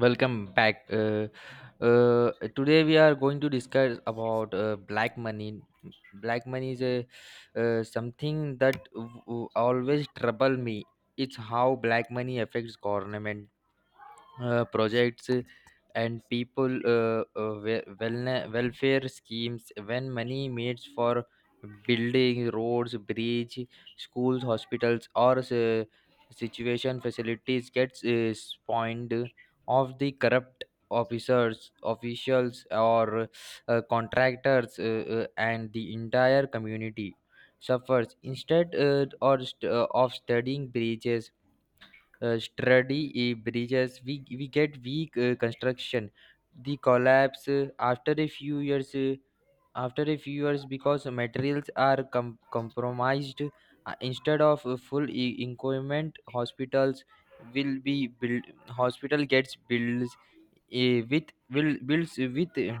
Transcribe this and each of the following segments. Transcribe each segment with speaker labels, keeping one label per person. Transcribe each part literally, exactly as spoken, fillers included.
Speaker 1: Welcome back. Uh, uh, today we are going to discuss about uh, black money. Black money is a uh, something that w- w- always trouble me. It's how black money affects government uh, projects and people uh, uh, we- wellne- welfare schemes when money made for building roads, bridge, schools, hospitals, or uh, situation facilities gets uh, spawned of the corrupt officers, officials, or uh, contractors, uh, uh, and the entire community suffers instead, uh, or st- uh, of studying bridges, uh, sturdy uh, bridges we we get weak uh, construction, the collapse uh, after a few years uh, after a few years, because materials are com- compromised. Uh, instead of a full e- equipment, hospitals will be built, hospital gets builds uh, with will builds with uh,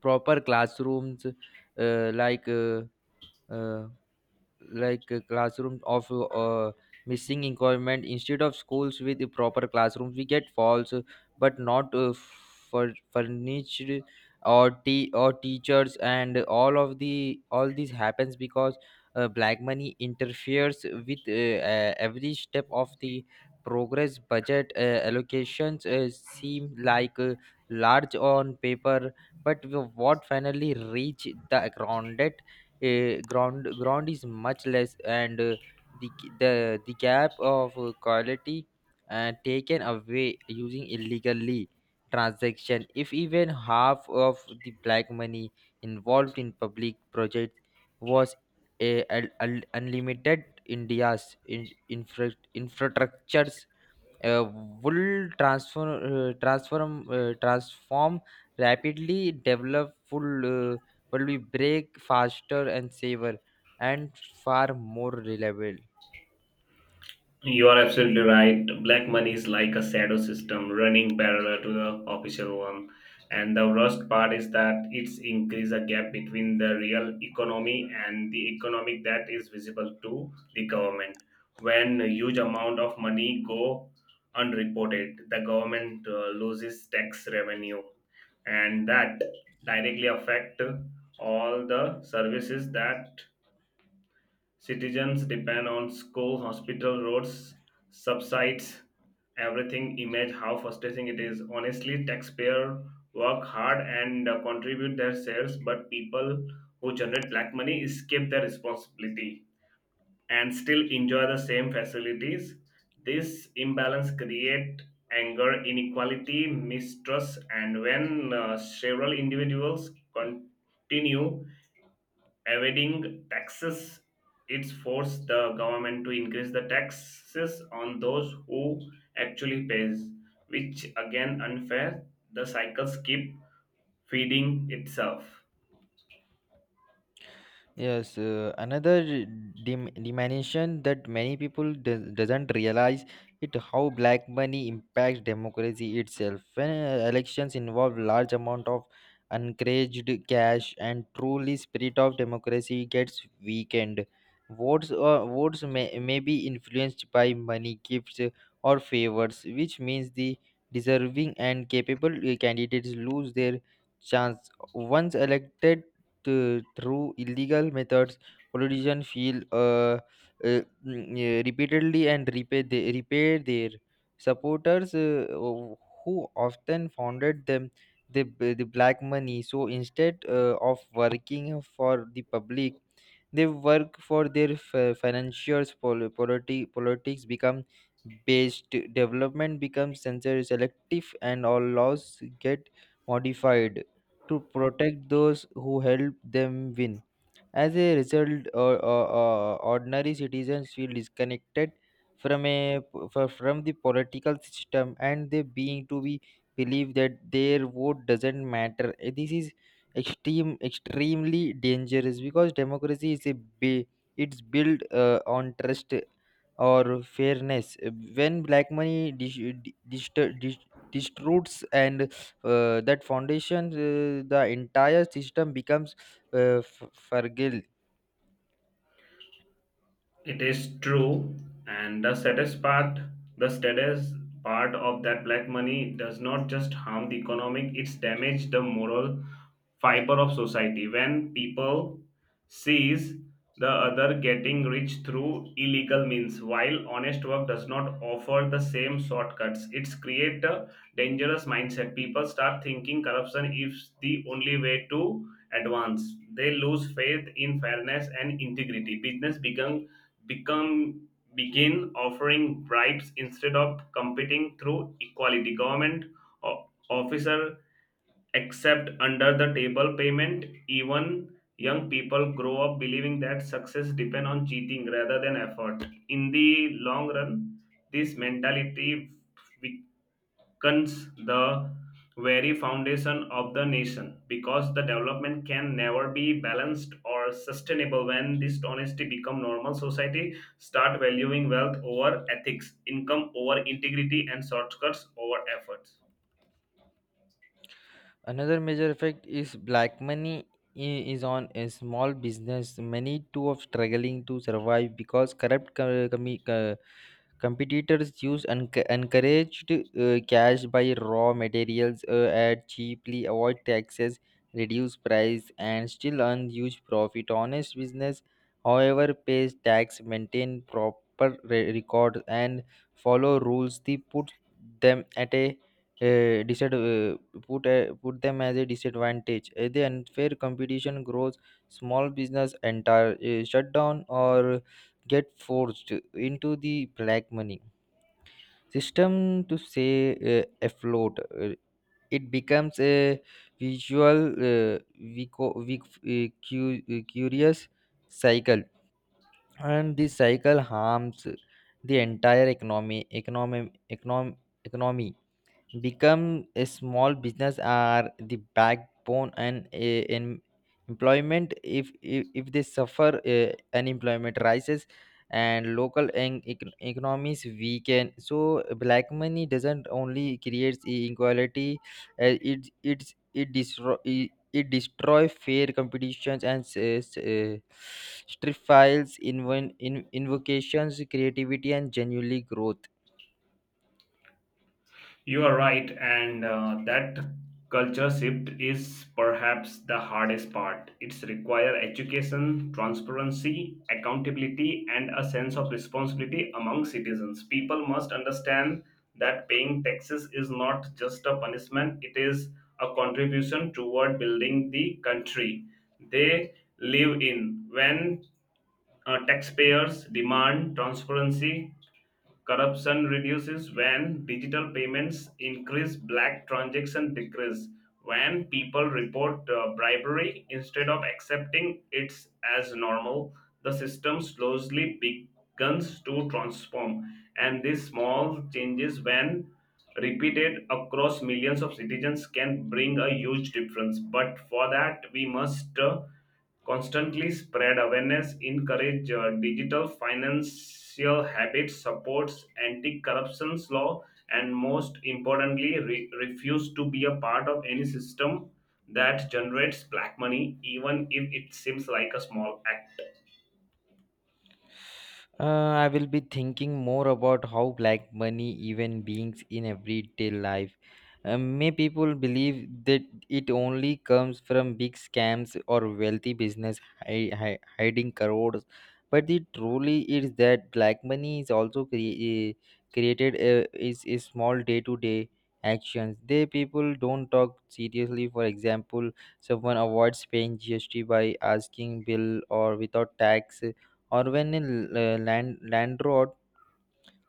Speaker 1: proper classrooms, uh, like uh, uh, like a classroom of uh, missing requirement. Instead of schools with the proper classrooms we get false, uh, but not uh, for furnished, or te- or teachers, and all of the all this happens because uh, black money interferes with uh, uh, every step of the progress. Budget uh, allocations uh, seem like uh, large on paper, but w- what finally reach the ground uh, ground ground is much less, and uh, the g- the the gap of uh, quality uh, taken away using illegally transaction. If even half of the black money involved in public projects was a, a- a- unlimited, India's in, infra, infrastructures uh, will transfer uh, transform uh, transform, rapidly develop full, uh, will be break faster and safer, and far more reliable.
Speaker 2: You are absolutely right. Black money is like a shadow system running parallel to the official one. And the worst part is that it's increased a gap between the real economy and the economic that is visible to the government. When a huge amount of money go unreported, the government uh, loses tax revenue, and that directly affect all the services that citizens depend on: school, hospital, roads, subsides, everything. Image how frustrating it is. Honestly, taxpayer work hard and uh, contribute their shares, but people who generate black money escape their responsibility and still enjoy the same facilities. This imbalance create anger, inequality, mistrust, and when uh, several individuals continue evading taxes, it's forced the government to increase the taxes on those who actually pays, which again unfair. The cycles keep feeding itself.
Speaker 1: Yes, uh, another dim- dimension that many people do- doesn't realize it how black money impacts democracy itself. When uh, elections involve large amount of unencouraged cash, and truly spirit of democracy gets weakened. Votes uh, votes may, may be influenced by money, gifts, uh, or favors, which means the deserving and capable uh, candidates lose their chance. Once elected uh, through illegal methods, politicians feel uh, uh, mm, uh, repeatedly, and repay they repay their supporters uh, who who often founded them the, the black money. So instead uh, of working for the public, they work for their f- financiers. Pol- politi- politics become based, development becomes censor selective, and all laws get modified to protect those who help them win. As a result, or, or, or ordinary citizens feel disconnected from a f- from the political system, and they being to be believe that their vote doesn't matter. Eh, This is extreme, extremely dangerous because democracy is a ba- it's built uh, on trust or fairness. Eh, When black money dis- di- distor- dis- distorts and uh, that foundation, uh, the entire system becomes uh, f- fragile.
Speaker 2: It is true, and the saddest part, the saddest part of that black money does not just harm the economic, it's damaged the moral fiber of society. When people sees the other getting rich through illegal means, while honest work does not offer the same shortcuts, it's create a dangerous mindset. People start thinking corruption is the only way to advance. They lose faith in fairness and integrity. Business become become begin offering bribes instead of competing through equality. Government o- officer accept under the table payment. Even young people grow up believing that success depends on cheating rather than effort. In the long run, this mentality weakens the very foundation of the nation, because the development can never be balanced or sustainable when dishonesty become normal. Society start valuing wealth over ethics, income over integrity, and shortcuts over efforts.
Speaker 1: Another major effect is black money i- is on a small business. Many too are struggling to survive because corrupt co- commi- co- Competitors use enc- encouraged uh, cash by raw materials uh, at cheaply, avoid taxes, reduce price, and still earn huge profit. Honest business, however, pays tax, maintain proper re- records, and follow rules. They put them at a uh, disad- uh, put a, put them as a disadvantage. Uh, the unfair competition grows, small business entire uh, shut down or get forced into the black money system to stay uh, afloat. Uh, It becomes a visual, uh, vico- vic- uh, cu- uh, curious cycle, and this cycle harms the entire economy, economy, economy, economy. Become a small business are the backbone, and eh, in employment. If if, if they suffer, eh, unemployment rises and local en- econ- economies weaken. So black money doesn't only creates inequality. Eh, it it it destroy it, it destroy fair competitions, and uh, strip files inven- in invocations, creativity, and genuinely growth.
Speaker 2: You are right, and uh, that culture shift is perhaps the hardest part. It's require education, transparency, accountability, and a sense of responsibility among citizens. People must understand that paying taxes is not just a punishment; it is a contribution toward building the country they live in. When uh, taxpayers demand transparency, corruption reduces. When digital payments increase, black transaction decrease. When people report uh, bribery instead of accepting it as normal, the system slowly begins to transform. And these small changes, when repeated across millions of citizens, can bring a huge difference. But for that, we must uh, constantly spread awareness, encourage uh, digital financial habits, supports anti-corruption law, and most importantly, re- refuse to be a part of any system that generates black money, even if it seems like a small act.
Speaker 1: Uh, I will be thinking more about how black money even beings in everyday life. Uh, may people believe that it only comes from big scams or wealthy business hi- hi- hiding crores, but the truly is that black money is also cre- created, uh, is is small day-to-day actions. They people don't talk seriously. For example, someone avoids paying G S T by asking bill or without tax, or when a l- uh, land, landlord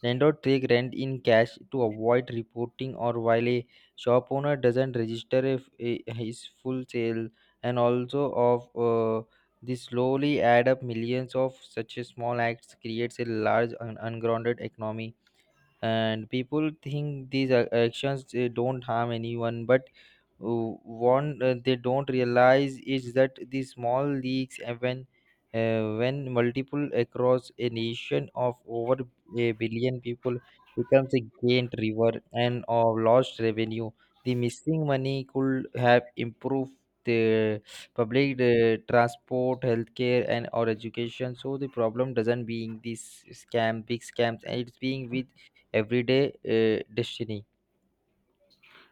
Speaker 1: landlord takes rent in cash to avoid reporting, or while a shop owner doesn't register if, a- his full sale, and also of uh, this slowly add up. Millions of such a small acts creates a large and ungrounded economy, and people think these a- actions they don't harm anyone, but uh, what uh, they don't realize is that these small leaks and when uh, when multiple across a nation of over a billion people becomes a gained river and of lost revenue. The missing money could have improved the public uh, transport, healthcare, and or education. So the problem doesn't being this scam big scams, and it's being with everyday uh, destiny.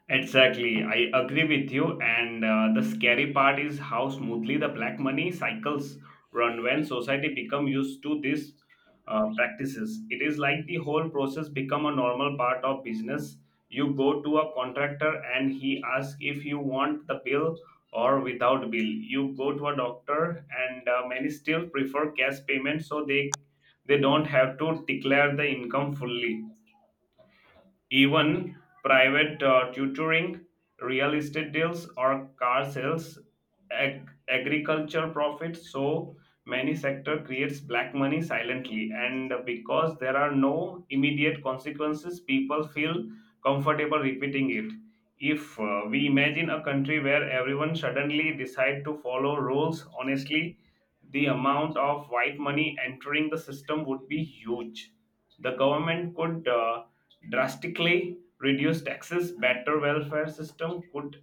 Speaker 2: Exactly, I agree with you. And uh, the scary part is how smoothly the black money cycles run when society become used to these uh, practices. It is like the whole process become a normal part of business. You go to a contractor and he asks if you want the bill or without bill. You go to a doctor and uh, many still prefer cash payment so they they don't have to declare the income fully. Even private uh, tutoring, real estate deals, or car sales, ag- agriculture profits. So many sector creates black money silently, and because there are no immediate consequences, people feel comfortable repeating it. If uh, we imagine a country where everyone suddenly decide to follow rules honestly, the amount of white money entering the system would be huge. The government could uh, drastically reduce taxes, better welfare system could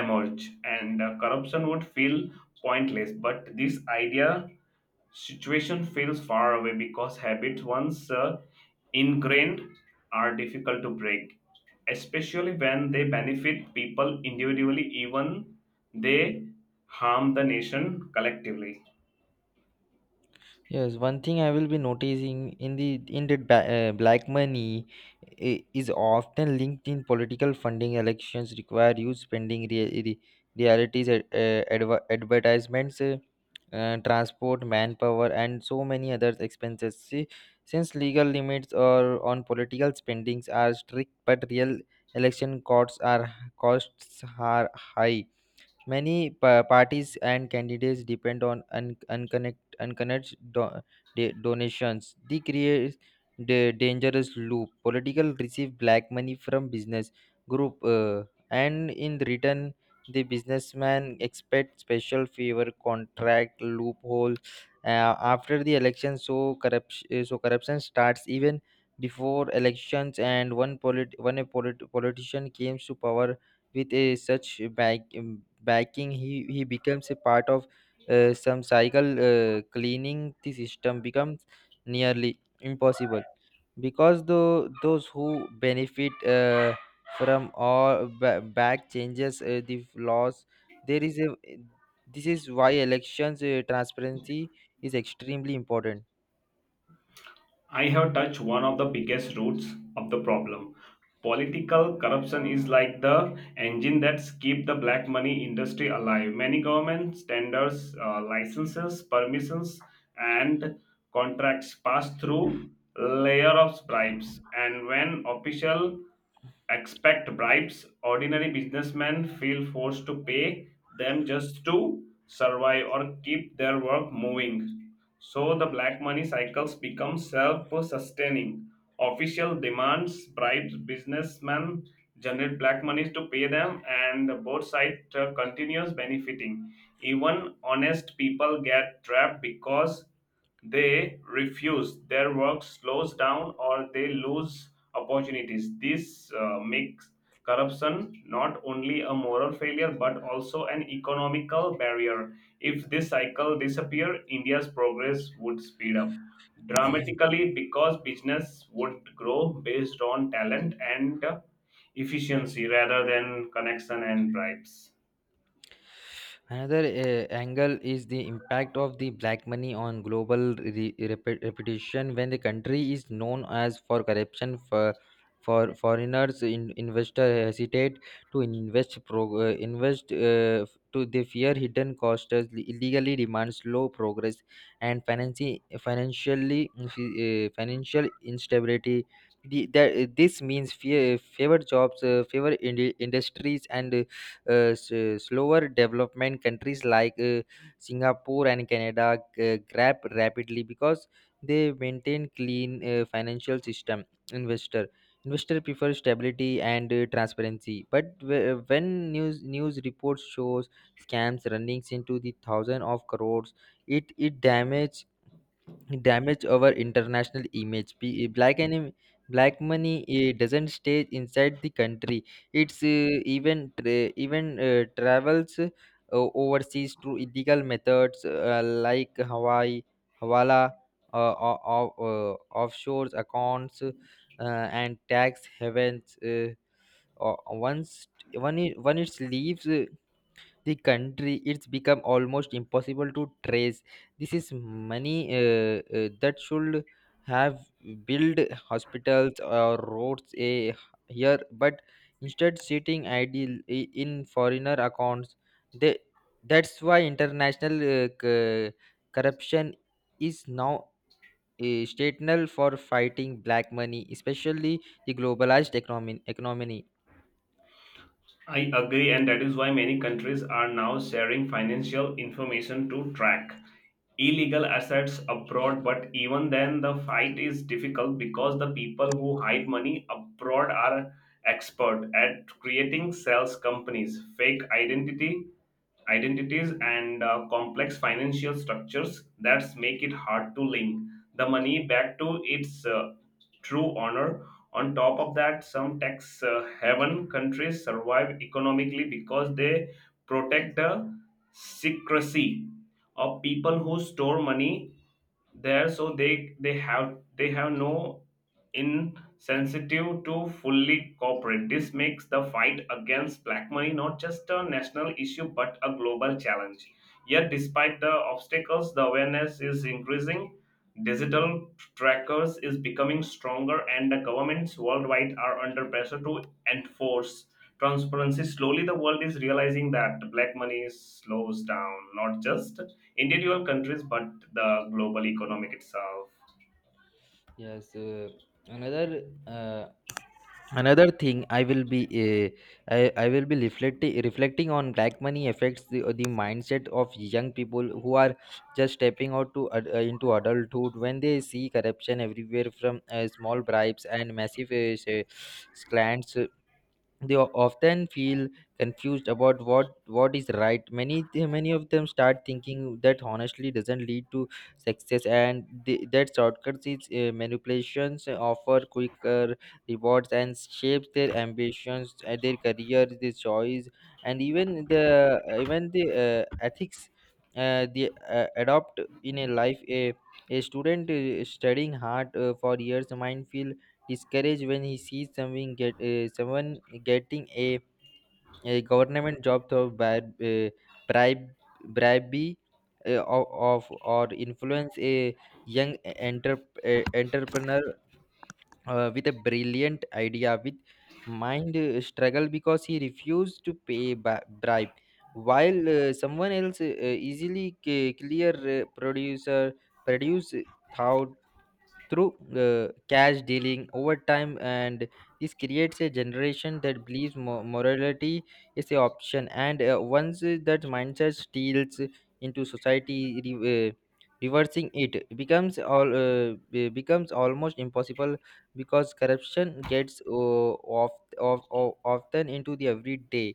Speaker 2: emerge, and uh, corruption would feel pointless. But this idea situation feels far away, because habits once uh, ingrained are difficult to break, especially when they benefit people individually even they harm the nation collectively.
Speaker 1: Yes, one thing I will be noticing in the in the ba- uh, black money i- is often linked in political funding. Elections require huge spending. Re- re- realities, uh, uh, adver- advertisements, uh, uh, transport, manpower, and so many other expenses. See, since legal limits or on political spendings are strict, but real election costs are costs are high. Many pa- parties and candidates depend on un- unconnect unconnected do- da- donations. They create the dangerous loop. Political receive black money from business group, uh, and in return, the businessman expect special favor, contract loophole. Uh, after the election, so corruption so corruption starts even before elections, and one polit one a polit- politician came to power with a such back, um, backing. He, he becomes a part of uh, some cycle. Uh, cleaning the system becomes nearly impossible because though those who benefit uh, from all ba- back changes uh, the laws. There is a This is why elections uh, transparency is extremely important.
Speaker 2: I have touched one of the biggest roots of the problem. Political corruption is like the engine that keeps the black money industry alive. Many government tenders, uh, licenses, permissions, and contracts pass through layer of bribes. And when officials expect bribes, ordinary businessmen feel forced to pay them just to survive or keep their work moving. So the black money cycles become self-sustaining. Official demands bribes, businessmen generate black monies to pay them, and both sides uh, continues benefiting. Even honest people get trapped because they refuse. Their work slows down, or they lose opportunities. This uh, makes corruption not only a moral failure but also an economical barrier. If this cycle disappeared, India's progress would speed up dramatically, because business would grow based on talent and efficiency rather than connection and bribes.
Speaker 1: Another uh, angle is the impact of the black money on global re- repu- reputation. When the country is known as for corruption, for, for foreigners, in, investor hesitate to invest. Pro, uh, invest uh, f- to they fear hidden costs, illegally demands low progress, and financi- financially uh, financial instability. The, that, this means fear, favor jobs, uh, favor indi- industries, and uh, s- slower development. Countries like uh, Singapore and Canada uh, grab rapidly because they maintain clean uh, financial system. Investor investor prefer stability and uh, transparency, but wh- when news news reports shows scams running into the thousand of crores, it it damage damage our international image. Be- eh, black and black money eh, doesn't stay inside the country, it's eh, even tra- even eh, travels eh, overseas through illegal methods uh, like hawaii hawala, uh, o- o- uh, offshore accounts, uh, and tax havens. Uh, o- once one it, when it leaves, eh, the country it's become almost impossible to trace. This is money, uh, uh, that should have built hospitals or roads, eh, here, but instead sitting idle i- in foreigner accounts. They, that's why international uh, c- corruption is now a statement for fighting black money, especially the globalized economy economy
Speaker 2: I agree, and that is why many countries are now sharing financial information to track illegal assets abroad. But even then, the fight is difficult because the people who hide money abroad are expert at creating sales companies, fake identity identities, and uh, complex financial structures that make it hard to link the money back to its uh, true honor. On top of that, some tax uh, haven countries survive economically because they protect the secrecy of people who store money there, so they they have they have no insensitive to fully cooperate. This makes the fight against black money not just a national issue but a global challenge. Yet despite the obstacles, the awareness is increasing. Digital trackers is becoming stronger, and the governments worldwide are under pressure to enforce transparency. Slowly, the world is realizing that black money slows down not just individual countries but the global economic itself.
Speaker 1: yes uh, another uh, another thing i will be uh, I, I will be reflecting reflecting on, black money affects the, the mindset of young people who are just stepping out to ad- uh, into adulthood. When they see corruption everywhere, from uh, small bribes and massive uh, s- uh, scams, they o- often feel confused about what what is right. Many many of them start thinking that honestly doesn't lead to success, and th- that shortcuts is uh, manipulations uh, offer quicker rewards, and shapes their ambitions, uh, their career, their choice, and even the even the uh, ethics uh, they uh, adopt in a life. A a student uh, studying hard uh, for years might feel discouraged when he sees someone get uh, someone getting a, a government job through bribe, uh, bribe bribery, uh, of, of or influence. A young enter, uh, entrepreneur uh, with a brilliant idea with mind uh, struggle because he refused to pay ba- bribe, while uh, someone else uh, easily c- clear uh, producer produce uh, thou- through uh, cash dealing over time. And this creates a generation that believes mo- morality is an option, and uh, once uh, that mindset steals into society, re- uh, reversing it becomes all uh, be- becomes almost impossible because corruption gets uh, off, off, off, often into the everyday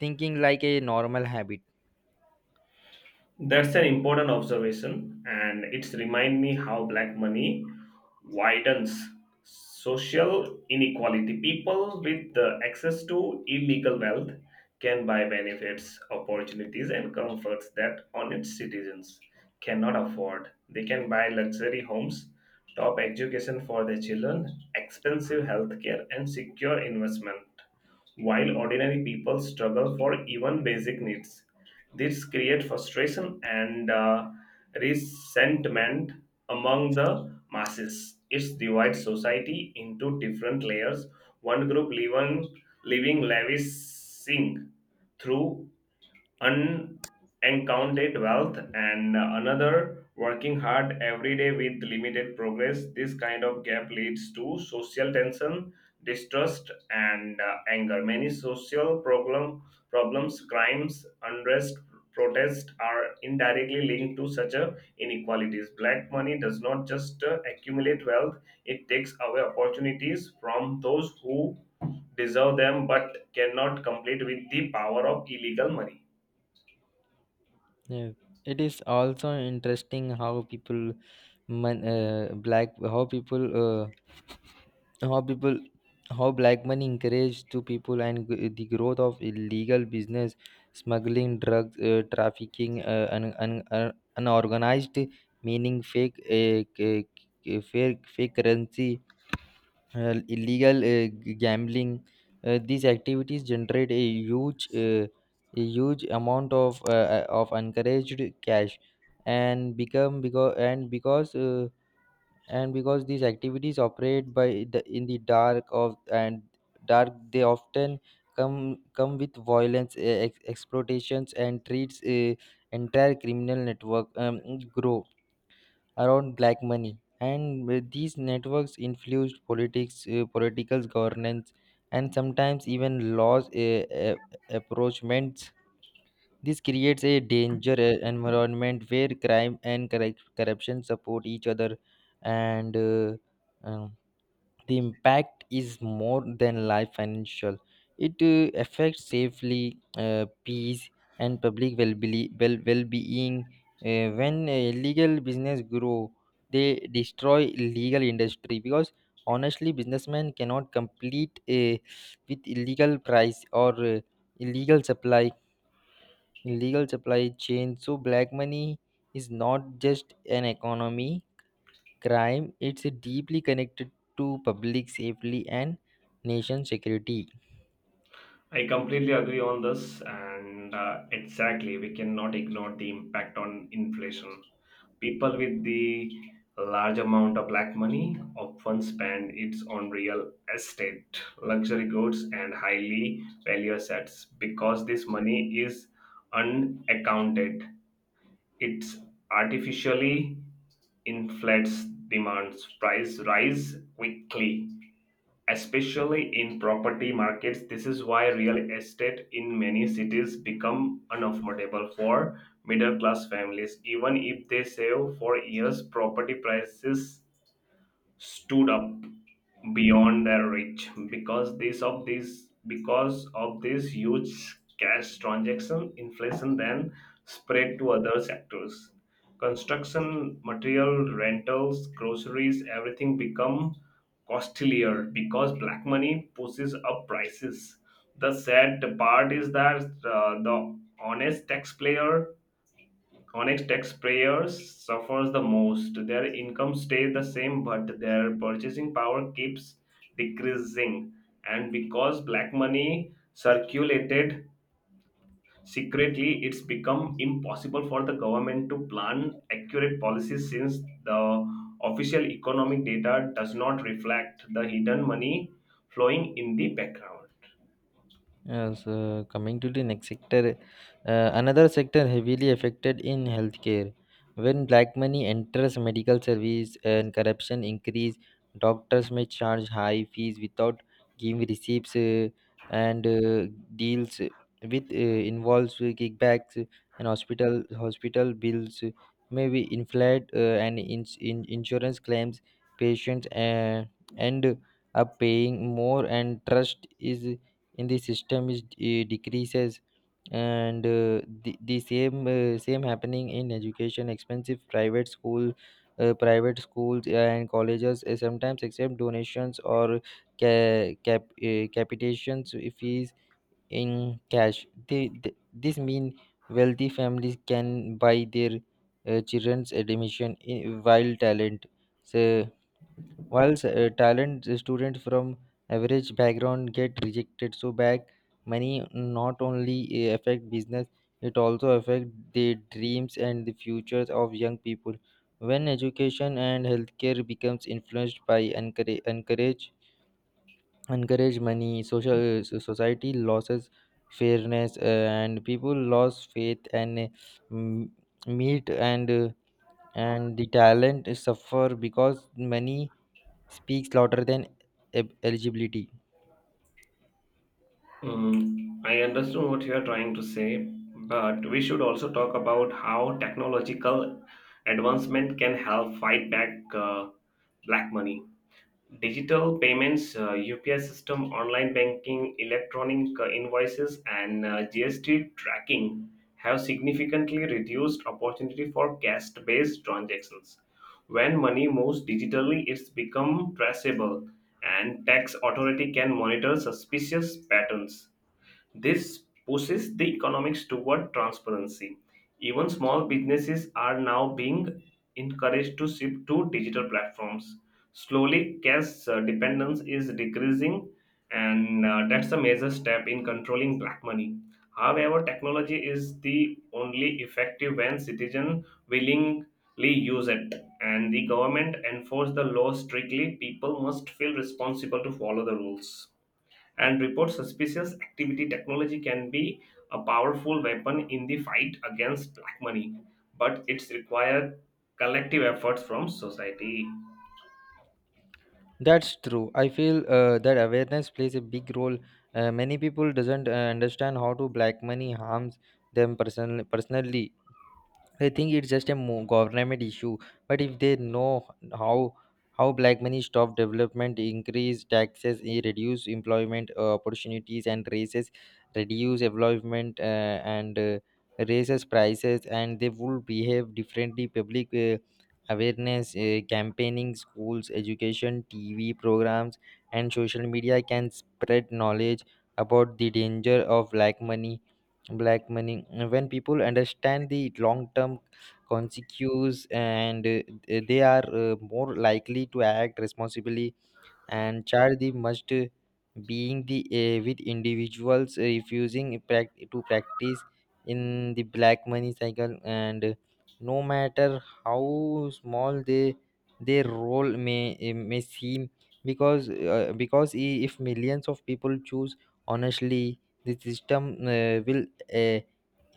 Speaker 1: thinking like a normal habit.
Speaker 2: That's an important observation, and it's remind me how black money widens social inequality. People with the access to illegal wealth can buy benefits, opportunities, and comforts that honest citizens cannot afford. They can buy luxury homes, top education for their children, expensive healthcare, and secure investment, while ordinary people struggle for even basic needs. This creates frustration and uh, resentment among the masses. It divides society into different layers. One group living, living lavish through unaccounted wealth and another working hard every day with limited progress. This kind of gap leads to social tension, distrust, and uh, anger. Many social problem problems, crimes, unrest, protests are indirectly linked to such a inequalities. Black money does not just uh, accumulate wealth, it takes away opportunities from those who deserve them but cannot compete with the power of illegal money.
Speaker 1: Yeah. It is also interesting how people man, uh, black how people uh, how people how black money encouraged to people and g- the growth of illegal business, smuggling, drugs, uh, trafficking, uh, and un, un, unorganized meaning fake uh, c- c- uh, fake fake currency, uh, illegal uh, g- gambling. Uh, these activities generate a huge uh, a huge amount of uh, uh, of encouraged cash, and become because and because uh, and because these activities operate by the in the dark of and dark they often come come with violence, eh, ex- exploitations and treats. A entire criminal network um, grow around black money, and with these networks influence politics, uh, political governance, and sometimes even laws, uh, uh, approachments. This creates a danger e- environment where crime and correc- corruption support each other, and uh, um, the impact is more than life financial. It uh, affects safely, uh, peace, and public well-being. Well, well-being. Uh, when uh, illegal business grow, they destroy legal industry because honestly, businessmen cannot compete uh, with illegal price or uh, illegal supply in legal supply chain. So black money is not just an economy crime, it's deeply connected to public safety and nation security.
Speaker 2: I completely agree on this, and uh, exactly, we cannot ignore the impact on inflation. People with the large amount of black money often spend it on real estate, luxury goods, and highly value assets because this money is unaccounted. It artificially inflates demands, price rise quickly, especially in property markets. This is why real estate in many cities become unaffordable for middle class families. Even if they save for years, property prices stood up beyond their reach because this of this, because of this huge cash transaction. Inflation then spread to other sectors: construction material, rentals, groceries, everything become costlier because black money pushes up prices. The sad part is that uh, the honest taxpayer, Onyx taxpayers, suffers the most. Their income stays the same, but their purchasing power keeps decreasing. And because black money circulated secretly, it's become impossible for the government to plan accurate policies, since the official economic data does not reflect the hidden money flowing in the background.
Speaker 1: Yes, uh, so, coming to the next sector, uh, another sector heavily affected in healthcare. When black money enters medical service and corruption increase, doctors may charge high fees without giving receipts, uh, and uh, deals with, uh, involves kickbacks, and hospital hospital bills may be inflated uh, and ins in insurance claims, patients uh, end up paying more, and trust is in the system is uh, decreases. And uh, the, the same uh, same happening in education. Expensive private school uh, private schools and colleges uh, sometimes accept donations or ca- cap uh, capitations uh, fees in cash. They, th This mean wealthy families can buy their uh, children's admission in, while talent, so while s- uh, talent uh, students from average background get rejected. So back money not only uh, affect business, it also affect the dreams and the futures of young people. When education and healthcare becomes influenced by encourage, encourage encourage money, social uh, so- society loses fairness, uh, and people lose faith and uh, m- meet and uh, and the talent suffer because money speaks louder than e- eligibility.
Speaker 2: Mm, I understand what you are trying to say, but we should also talk about how technological advancement can help fight back uh, black money. Digital payments, uh, U P I system, online banking, electronic uh, invoices, and uh, G S T tracking have significantly reduced opportunity for cash-based transactions. When money moves digitally, it's become traceable, and tax authority can monitor suspicious patterns. This pushes the economics toward transparency. Even small businesses are now being encouraged to shift to digital platforms. Slowly, cash uh, dependence is decreasing, and uh, that's a major step in controlling black money. However, technology is the only effective when citizens willingly use it, and the government enforce the law strictly. People must feel responsible to follow the rules and report suspicious activity. Technology can be a powerful weapon in the fight against black money, but it's required collective efforts from society.
Speaker 1: That's true. I feel uh, that awareness plays a big role. Uh, many people doesn't uh, understand how to black money harms them person- personally. I think it's just a mo- government issue. But if they know how how black money stop development, increase taxes, eh, reduce employment uh, opportunities, and raises reduce employment uh, and uh, raises prices, and they will behave differently. Public uh, awareness, uh, campaigning, schools, education, T V programs, and social media can spread knowledge about the danger of black money black money uh, When people understand the long term consequences, and uh, they are uh, more likely to act responsibly, and charge must being the uh, with individuals refusing prac- to practice in the black money cycle, and no matter how small they, their role may, eh, may seem. Because uh, because i- if millions of people choose honestly, the system uh, will uh,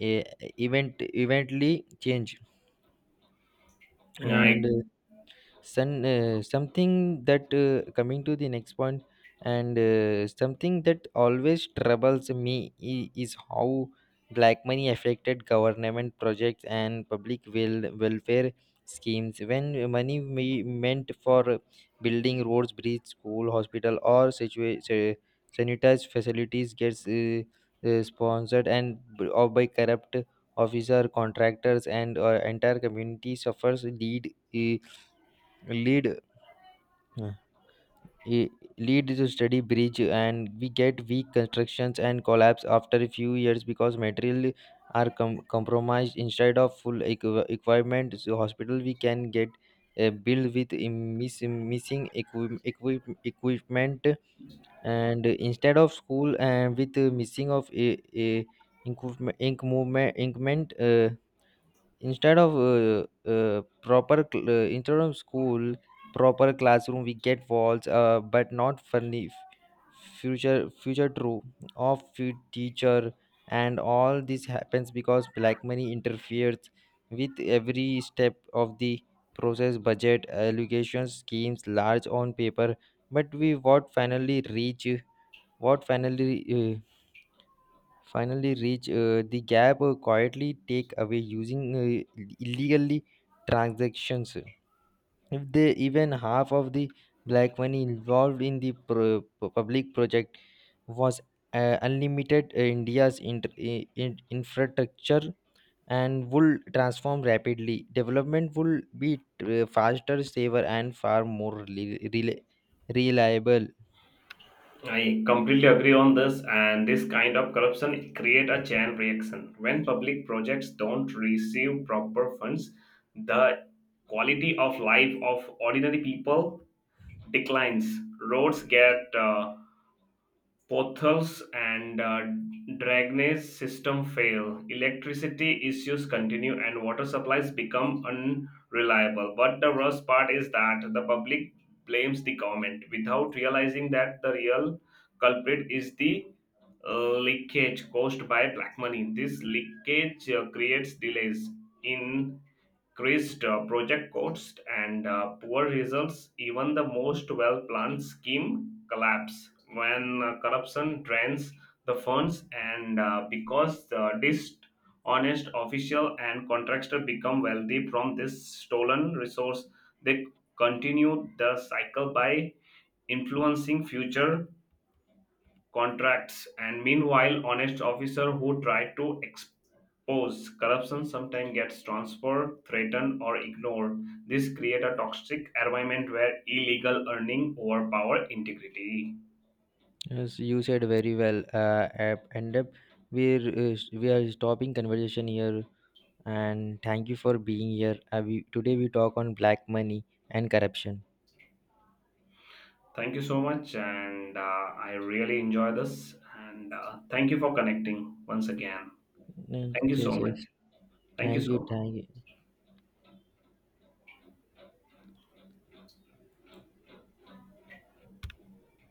Speaker 1: uh, event eventually change.
Speaker 2: I
Speaker 1: And Sun, uh, something that, uh, coming to the next point, and uh, something that always troubles me, i- is how black money affected government projects and public wel- welfare schemes. When money me- meant for building roads, bridge, school, hospital, or situa- sa- sanitized facilities gets uh, uh, sponsored, and b- or by corrupt officer, contractors, and uh, entire community suffers, lead, uh, lead Yeah. i- Lead to steady breach, and we get weak constructions and collapse after a few years because material are com- compromised, instead of full equi- equipment. So hospital we can get uh, built with im- miss- missing equi- equip- equipment, and instead of school and with uh, missing of a, a ink movement, ink movement, increment, instead of uh, uh, proper cl- uh, instead of school proper classroom, we get walls uh, but not funny, f- future future true of fu- teacher. And all this happens because black money interferes with every step of the process. Budget allocation schemes large on paper, but we what finally reach, what finally uh, finally reach uh, the gap uh, quietly take away using uh, illegally transactions. If they even half of the black money involved in the pro- pu- public project was uh, unlimited, uh, india's inter- i- in- infrastructure and would transform rapidly, development would be uh, faster, safer, and far more rela- rela- reliable.
Speaker 2: I completely agree on this, and this kind of corruption create a chain reaction. When public projects don't receive proper funds, the quality of life of ordinary people declines. Roads get uh, potholes and uh, drainage system fail. Electricity issues continue, and water supplies become unreliable. But the worst part is that the public blames the government without realizing that the real culprit is the uh, leakage caused by black money. This leakage uh, creates delays in increased uh, project costs and uh, poor results. Even the most well-planned scheme collapse when uh, corruption drains the funds, and uh, because the dishonest official and contractor become wealthy from this stolen resource, they continue the cycle by influencing future contracts, and meanwhile, honest officer who try to expose corruption sometimes gets transferred, threatened, or ignored. This create a toxic environment where illegal earning overpower integrity.
Speaker 1: Yes, you said very well. Uh, ap- and up, we're uh, s- we are stopping conversation here. And thank you for being here. Uh, we, today we talk on black money and corruption.
Speaker 2: Thank you so much, and uh, I really enjoy this. And uh, thank you for connecting once again.
Speaker 1: Yes,
Speaker 2: Thank you
Speaker 1: yes,
Speaker 2: so
Speaker 1: yes.
Speaker 2: much. Thank you
Speaker 1: Thank
Speaker 2: so
Speaker 1: you.
Speaker 2: much.
Speaker 1: Thank you.